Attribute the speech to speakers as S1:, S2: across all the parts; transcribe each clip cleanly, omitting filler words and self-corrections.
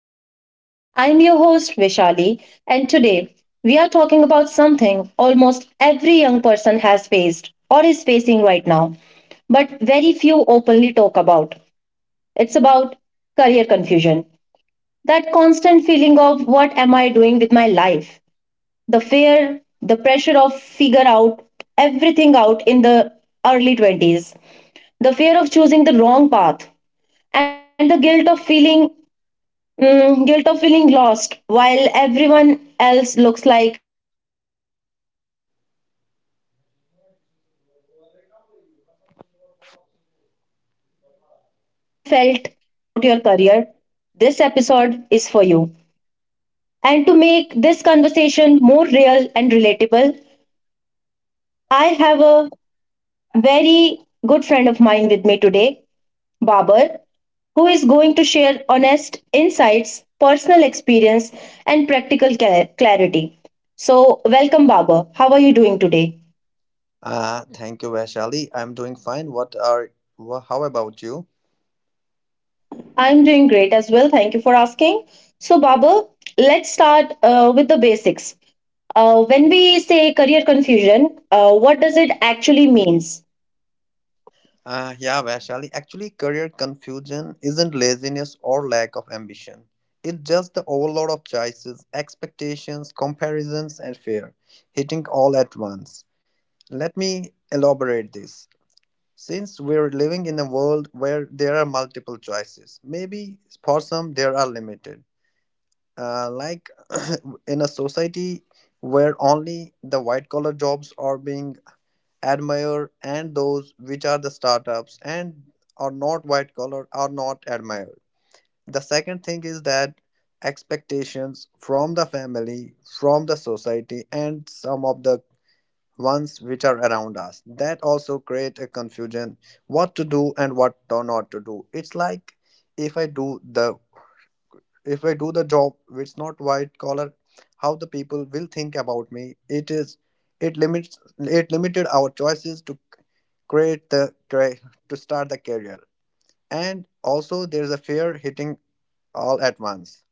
S1: podcast. I'm your host, Vishali, and today we are talking about something almost every young person has faced or is facing right now, but very few openly talk about. It's about career confusion. That constant feeling of what am I doing with my life? The fear, the pressure of figure out everything out in the early 20s, the fear of choosing the wrong path, and the guilt of feeling guilt of feeling lost while everyone else looks like they have it all together. If you are stuck, or if you ever felt anxious or unsure about your career, this episode is for you. And to make this conversation more real and relatable, I have a very good friend of mine with me today. Babar, who is going to share honest insights, personal experience, and practical clarity. So, welcome, Babar. How are you doing today?
S2: Thank you, Vaishali. I'm doing fine. What are, wha How about you?
S1: I'm doing great as well. Thank you for asking. So, Babar, let's start with the basics. When we say career confusion, what does it actually mean?
S2: Yeah, Vaishali, actually, career confusion isn't laziness or lack of ambition. It's just the overload of choices, expectations, comparisons, and fear hitting all at once. Let me elaborate this. Since we're living in a world where there are multiple choices, maybe for some there are limited. Like, in a society where only the white collar jobs are being admired, and those which are the startups and are not white collar are not admired. The second thing is that expectations from the family, from the society, and some of the ones which are around us, that also create a confusion what to do and what to not to do. It's like if i do the if I do the job which is not white collar, how the people will think about me. It is it limits it limited our choices to create the cre- to start the career, and also there's a fear hitting all at once.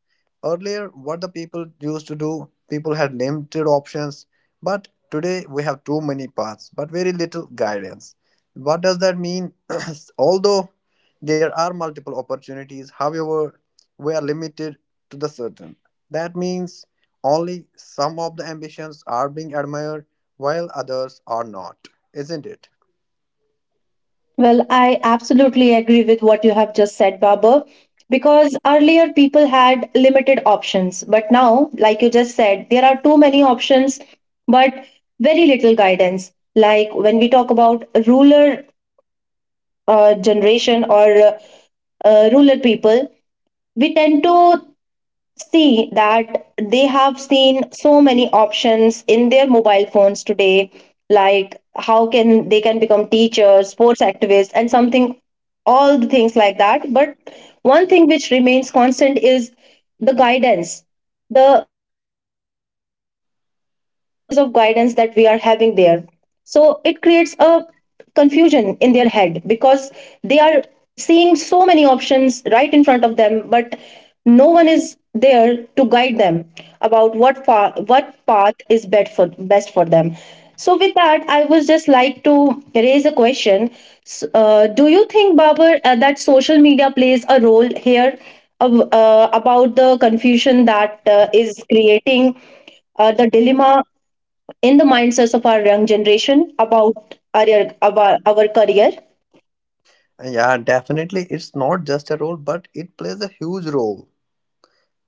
S2: Earlier, what the people used to do, people had limited options, but today we have too many paths but very little guidance. What does that mean? Although there are multiple opportunities, however, we are limited to the certain. That means only some of the ambitions are being admired, while others are not, isn't it?
S1: Well, I absolutely agree with what you have just said, Baba. Because earlier people had limited options, but now, like you just said, there are too many options, but very little guidance. Like when we talk about ruler generation or ruler people, we tend to see that they have seen so many options in their mobile phones today, like how can they can become teachers, sports activists, and something, all the things like that. But one thing which remains constant is the guidance, the limited resources of guidance that we are having there. So it creates a confusion in their head because they are seeing so many options right in front of them, but no one is there to guide them about what path is best for them. So with that, I would just like to raise a question. Do you think, Babar, that social media plays a role here of, about the confusion that is creating the dilemma in the mindsets of our young generation about our career?
S2: Yeah, definitely, it's not just a role but it plays a huge role,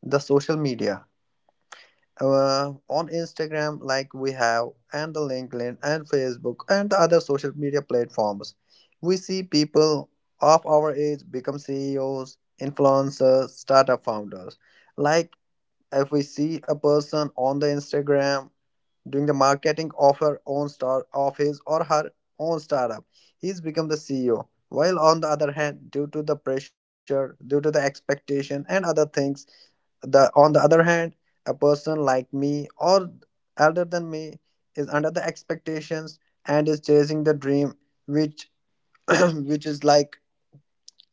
S2: the social media. On Instagram, like we have, and the LinkedIn and Facebook and the other social media platforms. We see people of our age become CEOs, influencers, startup founders. Like, if we see a person on the Instagram doing the marketing of her own star of his or her own startup, he's become the CEO. While on the other hand, due to the pressure, due to the expectation and other things, the on the other hand a person like me or elder than me is under the expectations and is chasing the dream which which is like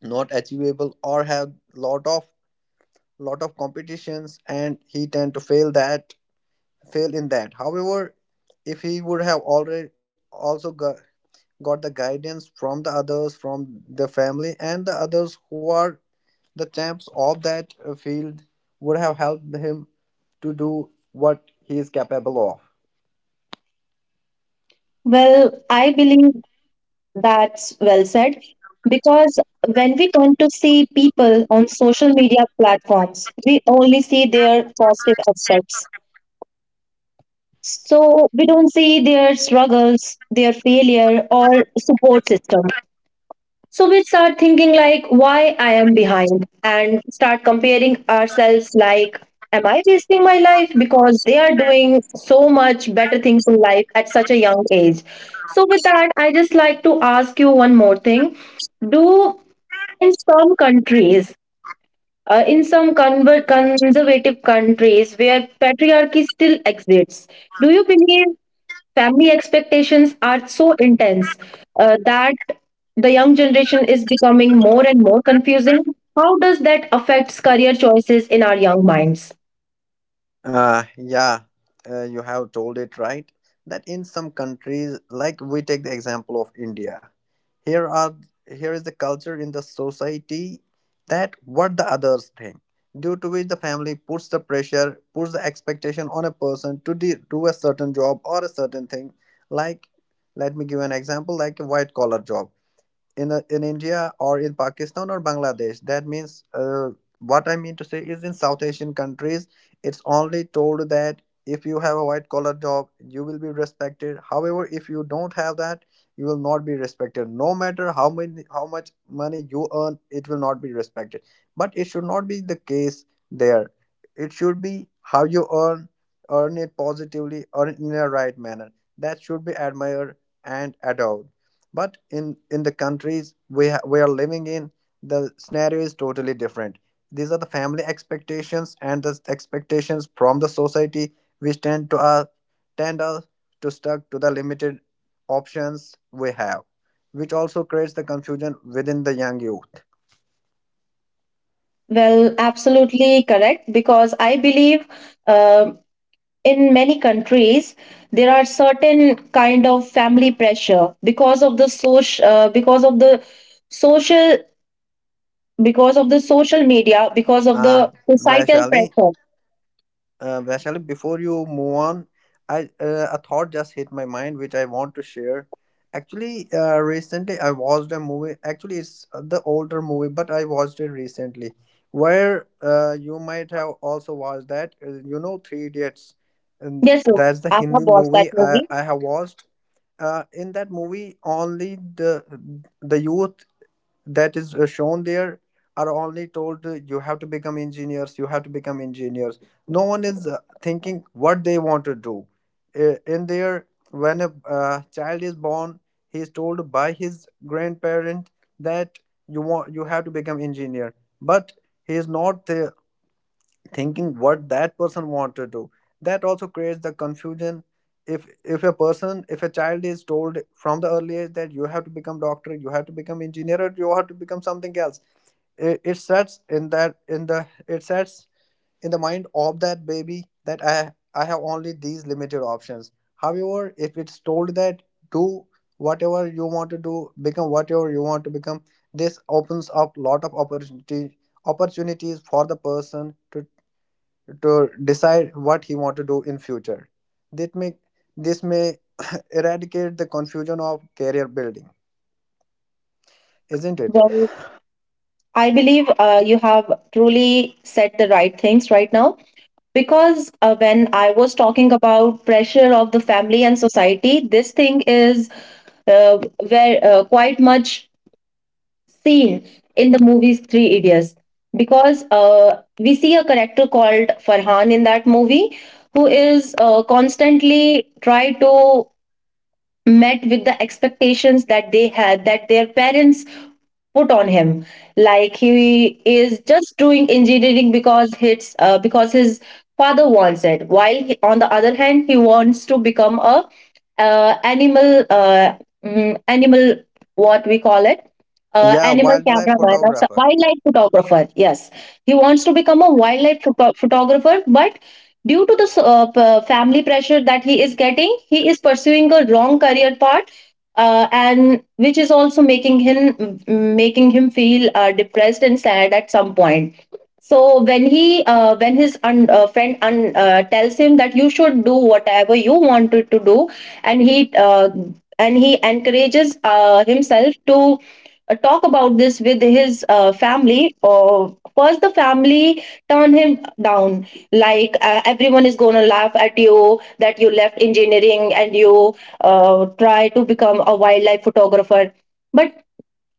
S2: not achievable or have lot of competitions, and he tend to fail in that. However, if he would have already also got the guidance from the others, from the family and the others who are the champs of that field, would have helped him to do what he is capable of.
S1: Well, I believe that's well said because when we come to see people on social media platforms, we only see their positive aspects. So we don't see their struggles, their failure, or support system. So we start thinking like why I am behind and start comparing ourselves like am I wasting my life because they are doing so much better things in life at such a young age. So with that I just like to ask you one more thing. Do in some countries in some conservative countries where patriarchy still exists, do you believe family expectations are so intense that the young generation is becoming more and more confusing. How does that affect career choices in our young minds?
S2: Uh, yeah, you have told it right, that in some countries, like we take the example of India, here are here is the culture in the society that what the others think, due to which the family puts the pressure, puts the expectation on a person to do a certain job or a certain thing. Like, let me give an example, like a white collar job in India or in Pakistan or Bangladesh. That means what I mean to say is in South Asian countries, it's only told that if you have a white collar job, you will be respected. However, if you don't have that, you will not be respected. No matter how much money you earn, it will not be respected. But it should not be the case there. It should be how you earn, earn it positively, earn it in a right manner. That should be admired and adored, but in the countries we are living in, the scenario is totally different. These are the family expectations and the expectations from the society, which tend us to stuck to the limited options we have, which also creates the confusion within the young youth.
S1: Well, absolutely correct, because I believe uh, in many countries there are certain kind of family pressure because of the social, because of the social media, because of
S2: ah
S1: the societal
S2: Vaishali,
S1: pressure.
S2: Vaishali, before you move on, I a thought just hit my mind which I want to share. Actually, recently I watched a movie. Actually, it's the older movie, but I watched it recently. Where you might have also watched that. You know, Three Idiots. And
S1: Yes, sir,
S2: that's the
S1: I
S2: Hindi
S1: have
S2: movie
S1: watched that
S2: I
S1: movie.
S2: have watched. In that movie, only the youth that is shown there are only told, you have to become engineers. No one is thinking what they want to do. In there, when a child is born, he is told by his grandparent that you have to become engineer, but he is not thinking what that person wanted to do. That also creates the confusion. if if a person if a child is told from the early age that you have to become doctor, you have to become engineer, or you have to become something else, it sets in that in the it sets in the mind of that baby that I have only these limited options. However, if it's told that do whatever you want to do, become whatever you want to become, this opens up lot of opportunity opportunities for the person to decide what he want to do in future. That may This may eradicate the confusion of career building, isn't it?
S1: Well, I believe you have truly said the right things right now because when I was talking about pressure of the family and society, this thing is very quite much seen in the movies Three Idiots because we see a character called Farhan in that movie who is constantly try to met with the expectations that they had, that their parents put on him. Like he is just doing engineering because his father wants it, while he, on the other hand, he wants to become a uh, animal uh, animal, what we call it,
S2: Yeah,
S1: animal
S2: wildlife
S1: cameraman, or
S2: photographer.
S1: wildlife photographer, yes. He wants to become a wildlife photo- photographer, but due to the family pressure that he is getting, he is pursuing a wrong career path, and which is also making him, making him feel depressed and sad at some point. So when he when his friend tells him that you should do whatever you wanted to do, and he uh, and he encourages himself to talk about this with his family. Or first the family turn him down, like everyone is going to laugh at you that you left engineering and you try to become a wildlife photographer. But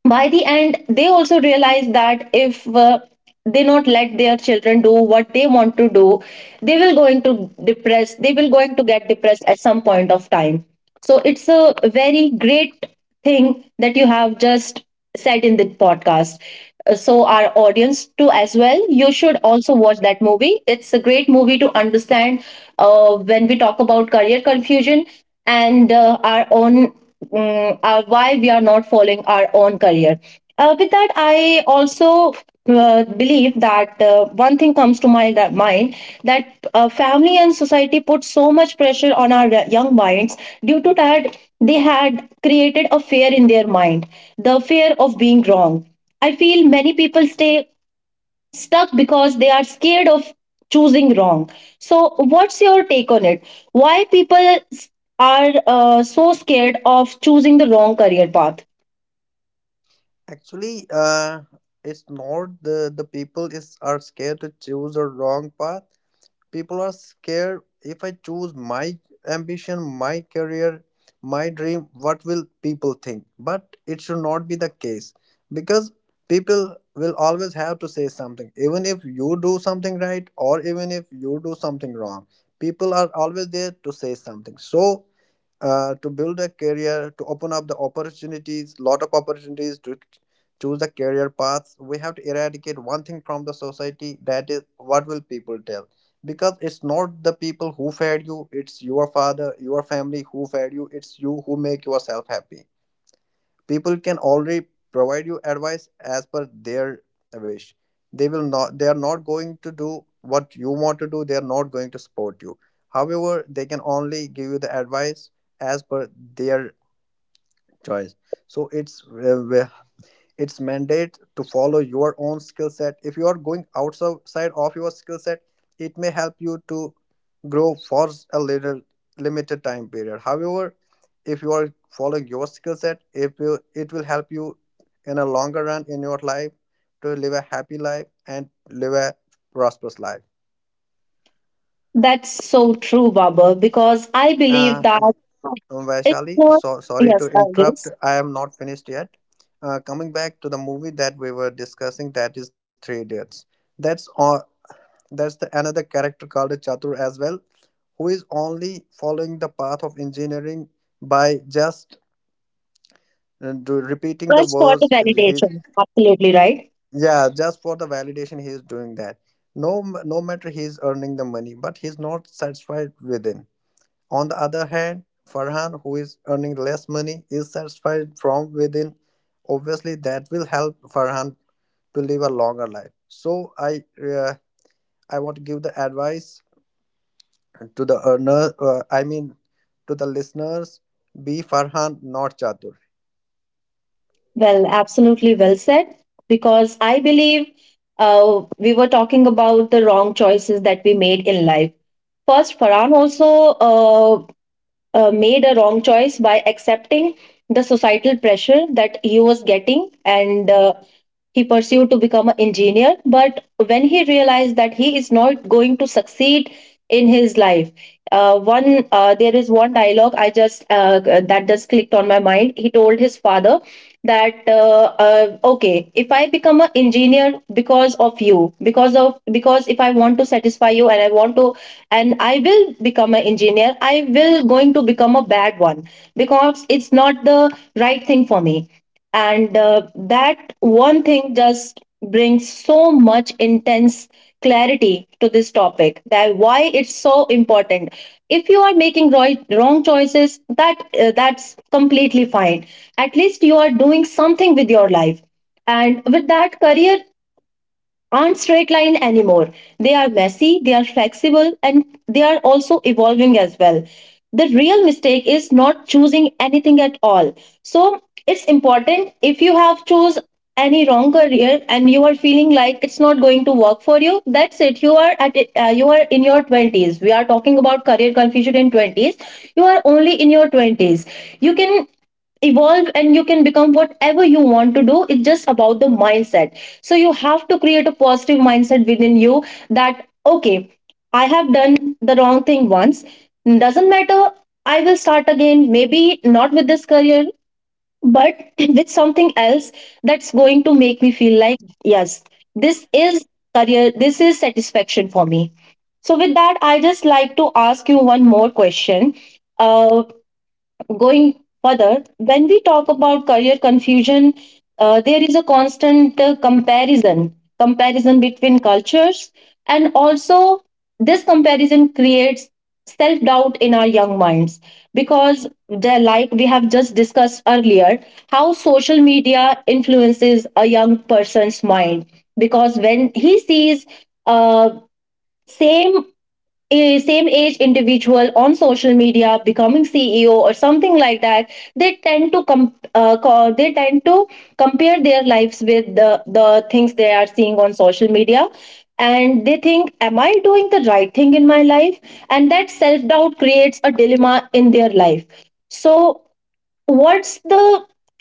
S1: by the end, they also realize that if they not let their children do what they want to do, they will going to get depressed at some point of time. So it's a very great thing that you have just said in the podcast. So our audience too, as well, you should also watch that movie. It's a great movie to understand when we talk about career confusion and our own why we are not following our own career. With that, I also believe that one thing comes to my that mind, that family and society put so much pressure on our young minds, due to that they had created a fear in their mind, the fear of being wrong. I feel many people stay stuck because they are scared of choosing wrong. So, what's your take on it? Why people s- are so scared of choosing the wrong career path?
S2: Actually, it's not the people is are scared to choose the wrong path. People are scared, if I choose my ambition, my career, my dream, what will people think? But it should not be the case, because people will always have to say something, even if you do something right or even if you do something wrong. People are always there to say something. So, to build a career, to open up the opportunities lot of opportunities, to choose the career paths, we have to eradicate one thing from the society, that is, what will people tell. Because it's not the people who fed you, it's your father, your family who fed you. It's you who make yourself happy. People can already provide you advice as per their wish. They are not going to do what you want to do. They are not going to support you. However, they can only give you the advice as per their choice. So it's mandate to follow your own skill set. If you are going outside of your skill set, it may help you to grow for a little limited time period. However, if you are following your skill set if you, it will help you in a longer run in your life to live a happy life and live a prosperous life.
S1: That's so true, Baba, because I
S2: uh,
S1: believe that it's
S2: Vaishali,
S1: not,
S2: so sorry to
S1: yes, I
S2: interrupt.
S1: guess,
S2: I am not finished yet. Coming back to the movie that we were discussing, that is Three Idiots. That's all. That's the another character called Chatur as well, who is only following the path of engineering by just repeating the
S1: press for the
S2: words. He's
S1: validation. Absolutely right.
S2: yeah, just for the validation he is doing that. No matter he is earning the money, but he's not satisfied within. On the other hand, Farhan, who is earning less money, is satisfied from within. Obviously, that will help Farhan to live a longer life. I want to give the advice to the I mean, to the listeners, be Farhan, not Chatur.
S1: Well, absolutely well said, because I believe we were talking about the wrong choices that we made in life. First, Farhan also made a wrong choice by accepting the societal pressure that he was getting, and he pursued to become an engineer, but when he realized that he is not going to succeed in his life, one there is one dialogue I just that just clicked on my mind. He told his father that okay, if I become an engineer because of you, because of, because if I want to satisfy you and I want to, and I will become an engineer, I will going to become a bad one because it's not the right thing for me. And that one thing just brings so much intense clarity to this topic, that why it's so important. If you are making wrong choices, that that's completely fine. At least you are doing something with your life. And with that, career aren't straight line anymore. They are messy, they are flexible, and they are also evolving as well. The real mistake is not choosing anything at all. So it's important, if you have chose any wrong career and you are feeling like it's not going to work for you, that's it. You are at you are in your 20s. We are talking about career confusion in 20s. You are only in your 20s. You can evolve and you can become whatever you want to do. It's just about the mindset. So you have to create a positive mindset within you, that okay, I have done the wrong thing once, doesn't matter. I will start again, maybe not with this career, but with something else, that's going to make me feel like, yes, this is career, this is satisfaction for me. So with that I just like to ask you one more question. Uh Going further, when we talk about career confusion, there is a constant comparison, comparison between cultures, and also this comparison creates self doubt in our young minds because, they're like we have just discussed earlier, how social media influences a young person's mind. Because when he sees uh, same same age individual on social media becoming CEO or something like that, they tend to compare their lives with the things they are seeing on social media, and they think am I doing the right thing in my life. And that self doubt creates a dilemma in their life. So what's the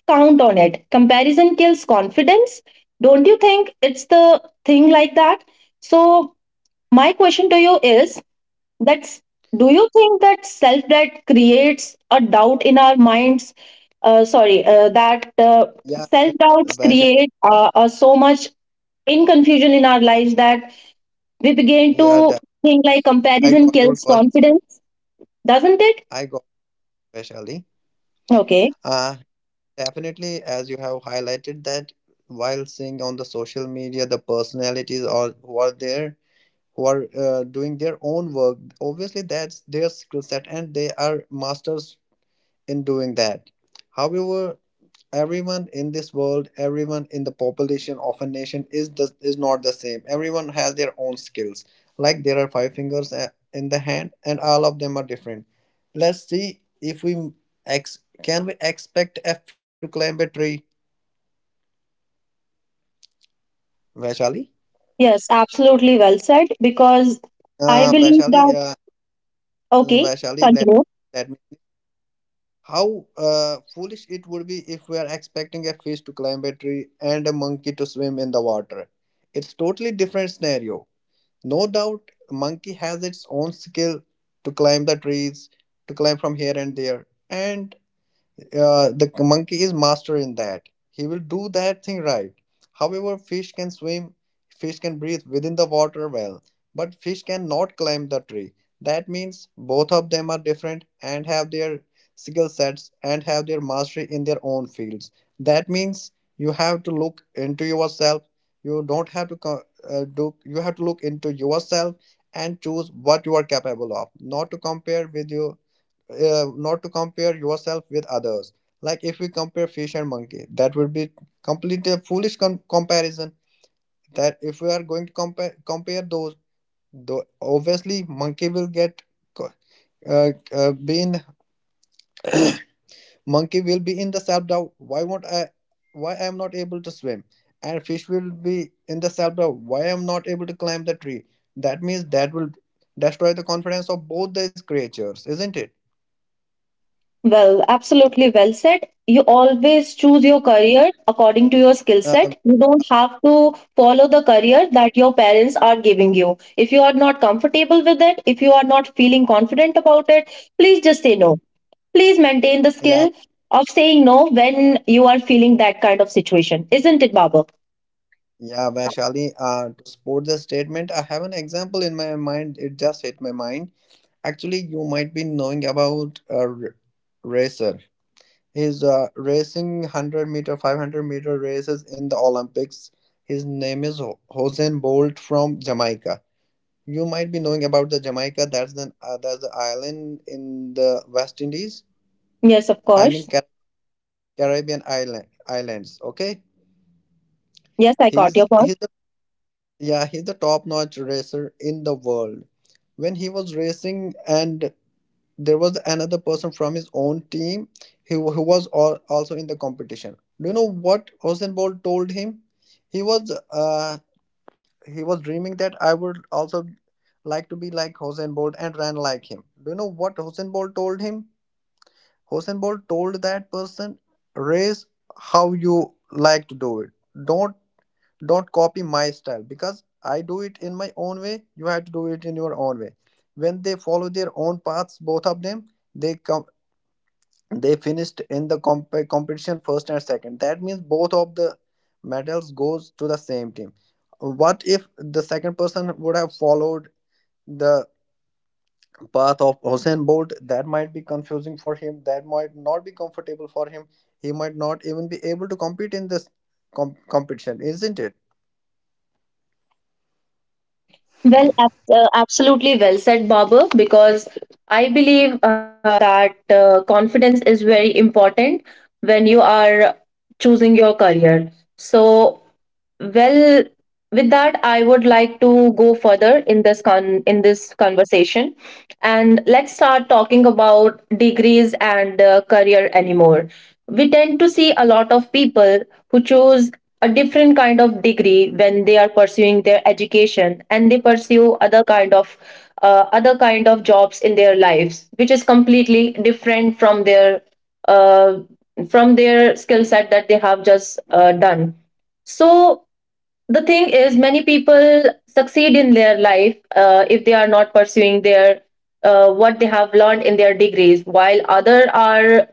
S1: count on it, comparison kills confidence, don't you think it's the thing like that? So my question to you is, that's, do you think that self doubt creates a doubt in our minds? Sorry, that
S2: Yeah, uh,
S1: Self doubts
S2: Vaishali.
S1: create so much in confusion in our lives, that we begin
S2: Yeah,
S1: to
S2: def-
S1: think like
S2: I
S1: comparison
S2: got your
S1: kills
S2: question.
S1: confidence, doesn't it?
S2: I got Vaishali.
S1: Okay,
S2: Uh, Definitely, as you have highlighted, that while seeing on the social media, the personalities are who are there, who are doing their own work. Obviously, that's their skill set, and they are masters in doing that. However, everyone in the population of a nation is not the same. Everyone has their own skills. Like, there are five fingers in the hand and all of them are different. Let's see, if we can we expect a fish to climb a tree, Vaishali?
S1: yes, absolutely well said. Because I
S2: uh,
S1: believe
S2: vaishali
S1: that,
S2: uh,
S1: okay,
S2: vaishali
S1: continue.
S2: let me, how foolish it would be if we are expecting a fish to climb a tree and a monkey to swim in the water. It's totally different scenario. No doubt, a monkey has its own skill to climb the trees, to climb from here and there, and the monkey is master in that. He will do that thing right. However, fish can swim, fish can breathe within the water well, but fish cannot climb the tree. That means both of them are different and have their skill sets and have their mastery in their own fields. That means you have to look into yourself. You don't have to co- do. You have to look into yourself and choose what you are capable of, not to compare with you not to compare yourself with others. Like if we compare fish and monkey, that would be completely a foolish comparison. That if we are going to compare those, though obviously monkey will co- be in monkey will be in the self doubt. Why won't I? Why I am not able to swim? And fish will be in the self doubt. Why I am not able to climb the tree? That means that will destroy the confidence of both these creatures, isn't it?
S1: Well, absolutely well said. You always choose your career according to your skill
S2: Uh,
S1: set. You don't have to follow the career that your parents are giving you. If you are not comfortable with it, if you are not feeling confident about it, please just say no. Please maintain the
S2: yeah,
S1: skill of saying no when you are feeling that kind of situation. Isn't it, Baba?
S2: Yeah, Vaishali, to support the statement, I have an example in my mind. It just hit my mind. Actually, you might be knowing about a racer. He's racing 100 meter, 500-meter races in the Olympics. His name is Hossein Bolt from Jamaica. You might be knowing about the Jamaica. That's the island in the West Indies.
S1: Yes, of
S2: I mean
S1: course.
S2: Caribbean islands. Okay,
S1: Yes, I got
S2: he's
S1: your point.
S2: he's yeah, he's the top-notch racer in the world. When he was racing, and there was another person from his own team who was also in the competition. Do you know what Usain Bolt told him? He was uh, he was dreaming that I would also like to be like Usain Bolt and run like him. Do you know what Usain Bolt told him? Usain Bolt told that person, race how you like to do it. Don't don't copy my style because I do it in my own way. You have to do it in your own way. When they follow their own paths, both of them, they come they finished in the competition first and second. That means both of the medals goes to the same team. What if the second person would have followed the path of Hussein Bolt? That might be confusing for him. That might not be comfortable for him. He might not even be able to compete in this competition, isn't it?
S1: Well, absolutely well said, Babu, because I believe that confidence is very important when you are choosing your career. So, well, with that, I would like to go further in this conversation, and let's start talking about degrees and career anymore. We tend to see a lot of people who choose a different kind of degree when they are pursuing their education, and they pursue other kind of jobs in their lives, which is completely different uh, from their skill set that they have just done. So the thing is, many people succeed in their life if they are not pursuing their what they have learned in their degrees, while other are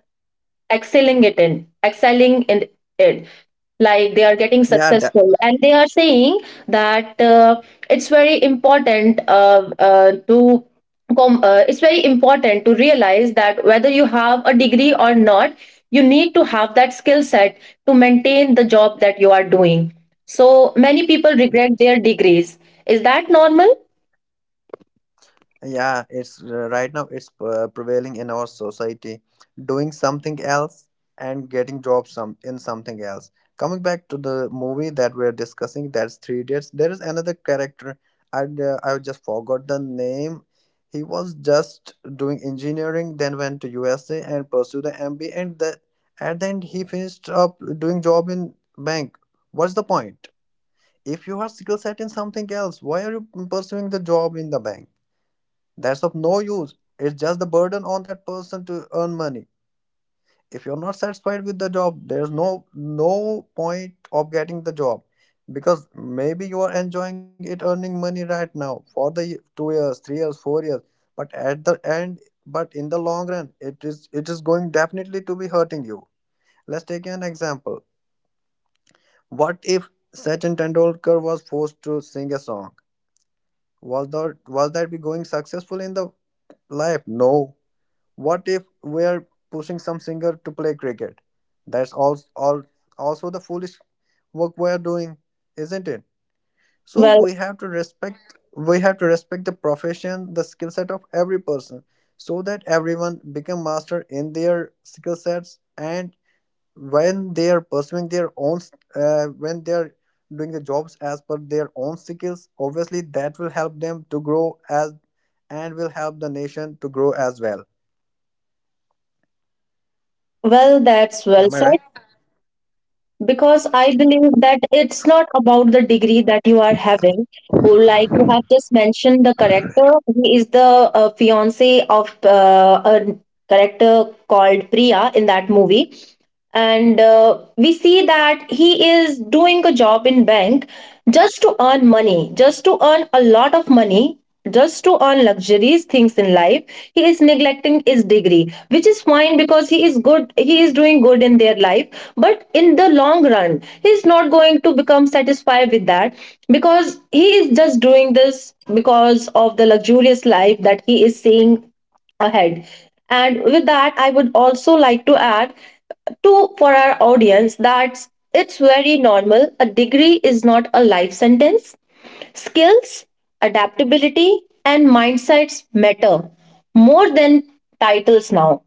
S1: excelling it in excelling in it, like they are getting
S2: Yeah, that,
S1: successful, and they are saying that it's very important to it's very important to realize that whether you have a degree or not, you need to have that skill set to maintain the job that you are doing. So many people regret their degrees. Is that normal?
S2: Yeah, it's right now it's prevailing in our society. Doing something else and getting jobs some in something else. Coming back to the movie that we're discussing, that's Three Idiots. There is another character. I just forgot the name. He was just doing engineering, then went to USA and pursued the MBA, and the at the end he finished up doing job in bank. What's the point? If you are skill set in something else, why are you pursuing the job in the bank? That's of no use. It's just the burden on that person to earn money. If you're not satisfied with the job, there's no point of getting the job because maybe you are enjoying it earning money right now for the 2 years, 3 years, 4 years. But at the end, but in the long run, it is going definitely to be hurting you. Let's take an example. What if Sachin Tendulkar was forced to sing a song? Was that be going successful in the life? No. What if we're pushing some singer to play cricket? That's all also the foolish work we're doing, isn't it? So
S1: well
S2: we have to respect the profession, the skill set of every person, so that everyone become master in their skill sets and when they are pursuing their own when they are doing the jobs as per their own skills, obviously that will help them to grow, as and will help the nation to grow as well.
S1: well, that's well
S2: Am I
S1: said,
S2: right?
S1: because I believe that it's not about the degree that you are having. Or like you have just mentioned, the character, he is the fiance of a character called Priya in that movie, and we see that he is doing a job in bank just to earn money, just to earn a lot of money. Just to earn luxuries, things in life, he is neglecting his degree, which is fine because he is good. He is doing good in their life, but in the long run he's not going to become satisfied with that, because he is just doing this because of the luxurious life that he is seeing ahead. And with that, I would also like to add to for our audience that it's very normal, a degree is not a life sentence. Skills, adaptability, and mindsets matter more than titles now.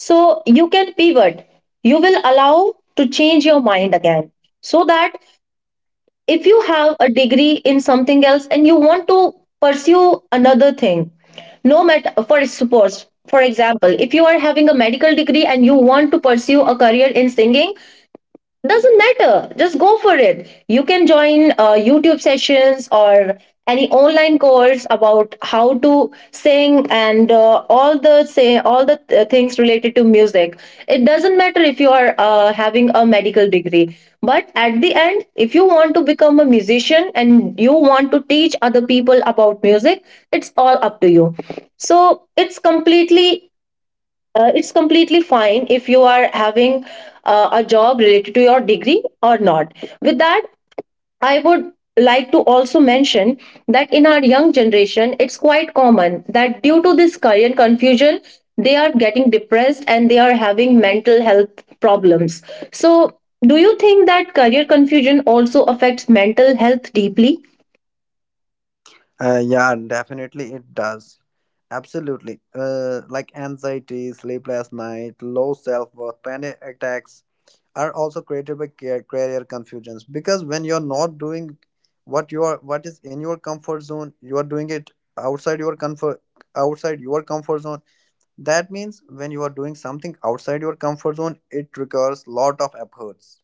S1: So you can pivot. You will allow to change your mind again. So that if you have a degree in something else and you want to pursue another thing, no matter, for suppose for example, if you are having a medical degree and you want to pursue a career in singing, doesn't matter, just go for it. You can join youtube sessions or any online course about how to sing and all the say all the things related to music. It doesn't matter if you are having a medical degree, but at the end, if you want to become a musician and you want to teach other people about music, it's all up to you. So it's completely it's completely fine if you are having a job related to your degree or not. With that, I would like to also mention that in our young generation, it's quite common that due to this career confusion, they are getting depressed and they are having mental health problems. So, do you think that career confusion also affects mental health deeply?
S2: Yeah, definitely it does. Absolutely. Like anxiety, sleepless night, low self worth, panic attacks are also created by career confusions, because when you're not doing what you are, what is in your comfort zone, you are doing it outside your comfort outside your comfort zone. That means when you are doing something outside your comfort zone, it requires lot of efforts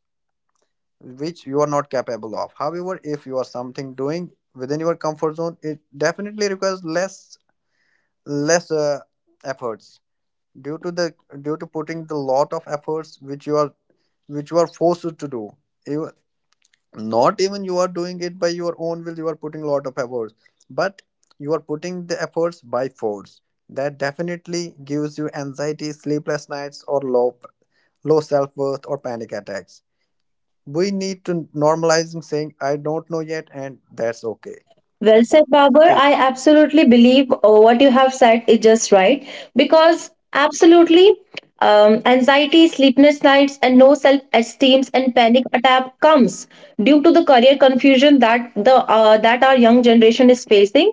S2: which you are not capable of. However, if you are something doing within your comfort zone, it definitely requires less less uh, efforts due to the due to putting the lot of efforts which you are forced to do. You, not even you are doing it by your own will. You are putting a lot of efforts, but you are putting the efforts by force. That definitely gives you anxiety, sleepless nights, or low self worth or panic attacks. We need to normalize saying I don't know yet, and that's okay.
S1: Well said, Babar.
S2: it,
S1: I absolutely believe what you have said is just right, because absolutely anxiety, sleepless nights, and no self-esteem and panic attack comes due to the career confusion that the that our young generation is facing.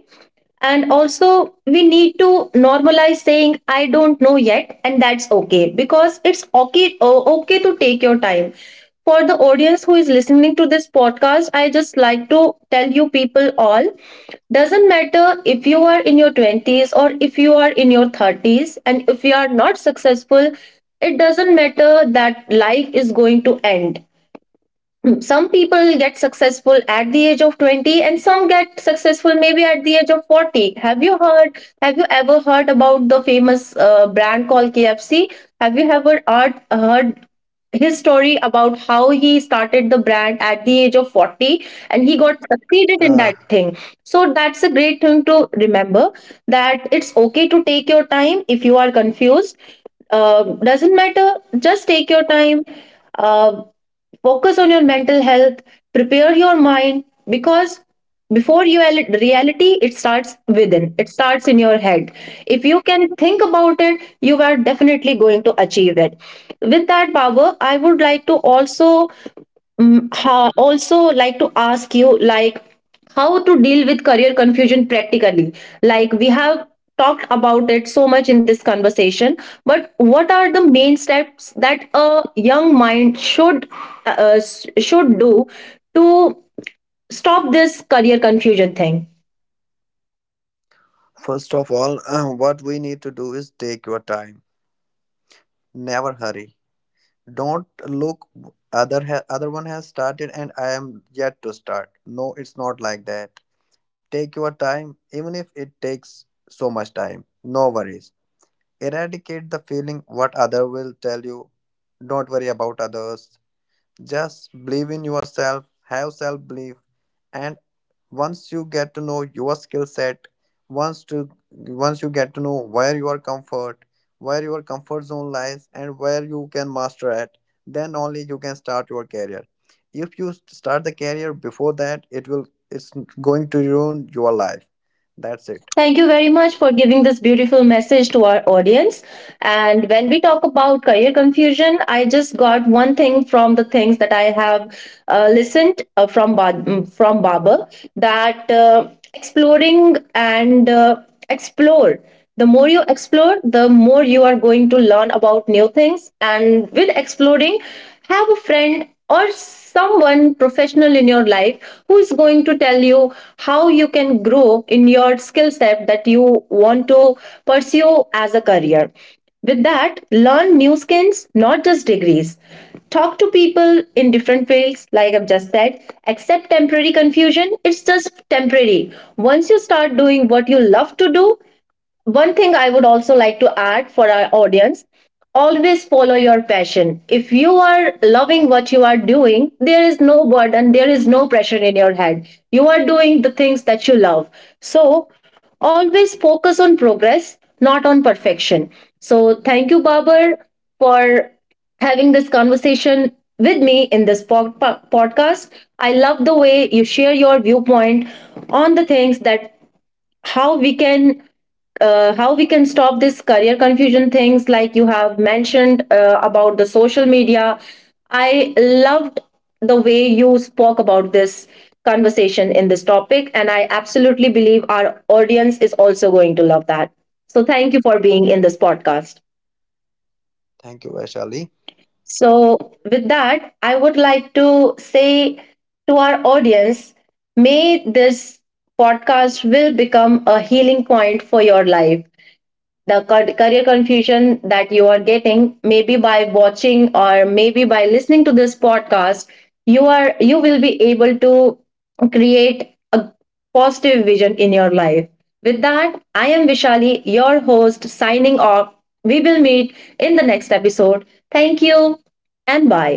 S1: And also, we need to normalize saying, I don't know yet, and that's okay, because it's okay, okay to take your time. For the audience who is listening to this podcast, I just like to tell you people all, doesn't matter if you are in your 20s or if you are in your 30s, and if you are not successful, it doesn't matter that life is going to end. Some people get successful at the age of 20 and some get successful maybe at the age of 40. Have you heard, have you ever heard about the famous brand called KFC? Have you ever heard his story about how he started the brand at the age of 40 and he got succeeded in
S2: uh,
S1: that thing? So that's a great thing to remember, that it's okay to take your time if you are confused. uh, doesn't matter, just take your time. uh, Focus on your mental health, prepare your mind, because before you reality, it starts within, it starts in your head. If you can think about it, you are definitely going to achieve it. With that power, I would like to also also like to ask you, like, how to deal with career confusion practically. Like, we have talked about it so much in this conversation, but what are the main steps that a young mind should should do to stop this career confusion thing?
S2: First of all, what we need to do is take your time. Never hurry. Don't look, other other one has started and I am yet to start. No, it's not like that. Take your time. Even if it takes so much time, no worries. Eradicate the feeling what other will tell you. Don't worry about others. Just believe in yourself, have self belief. And once you get to know your skill set, once you get to know where your comfort zone lies and where you can master at, then only you can start your career. If you start the career before that, it will, it's going to ruin your life. That's it.
S1: Thank you very much for giving this beautiful message to our audience. And when we talk about career confusion, I just got one thing from the things that I have listened from Baba, that exploring and explore. The more you explore, the more you are going to learn about new things. And with exploring, have a friend or someone professional in your life who is going to tell you how you can grow in your skill set that you want to pursue as a career. With that, learn new skills, not just degrees. Talk to people in different fields, like I've just said. Accept temporary confusion, it's just temporary. Once you start doing what you love to do, one thing I would also like to add for our audience, always follow your passion. If you are loving what you are doing, there is no burden, there is no pressure in your head. You are doing the things that you love. So, always focus on progress, not on perfection. So, thank you, Babar, for having this conversation with me in this podcast. I love the way you share your viewpoint on the things that how we can how we can stop this career confusion things, like you have mentioned about the social media. I loved the way you spoke about this conversation in this topic, and I absolutely believe our audience is also going to love that. So thank you for being in this podcast.
S2: Thank you, Vaishali.
S1: So with that, I would like to say to our audience, may this podcast will become a healing point for your life. The career confusion that you are getting, maybe by watching or maybe by listening to this podcast, you will be able to create a positive vision in your life. With that, I am Vishali, your host, signing off. We will meet in the next episode. Thank you and bye.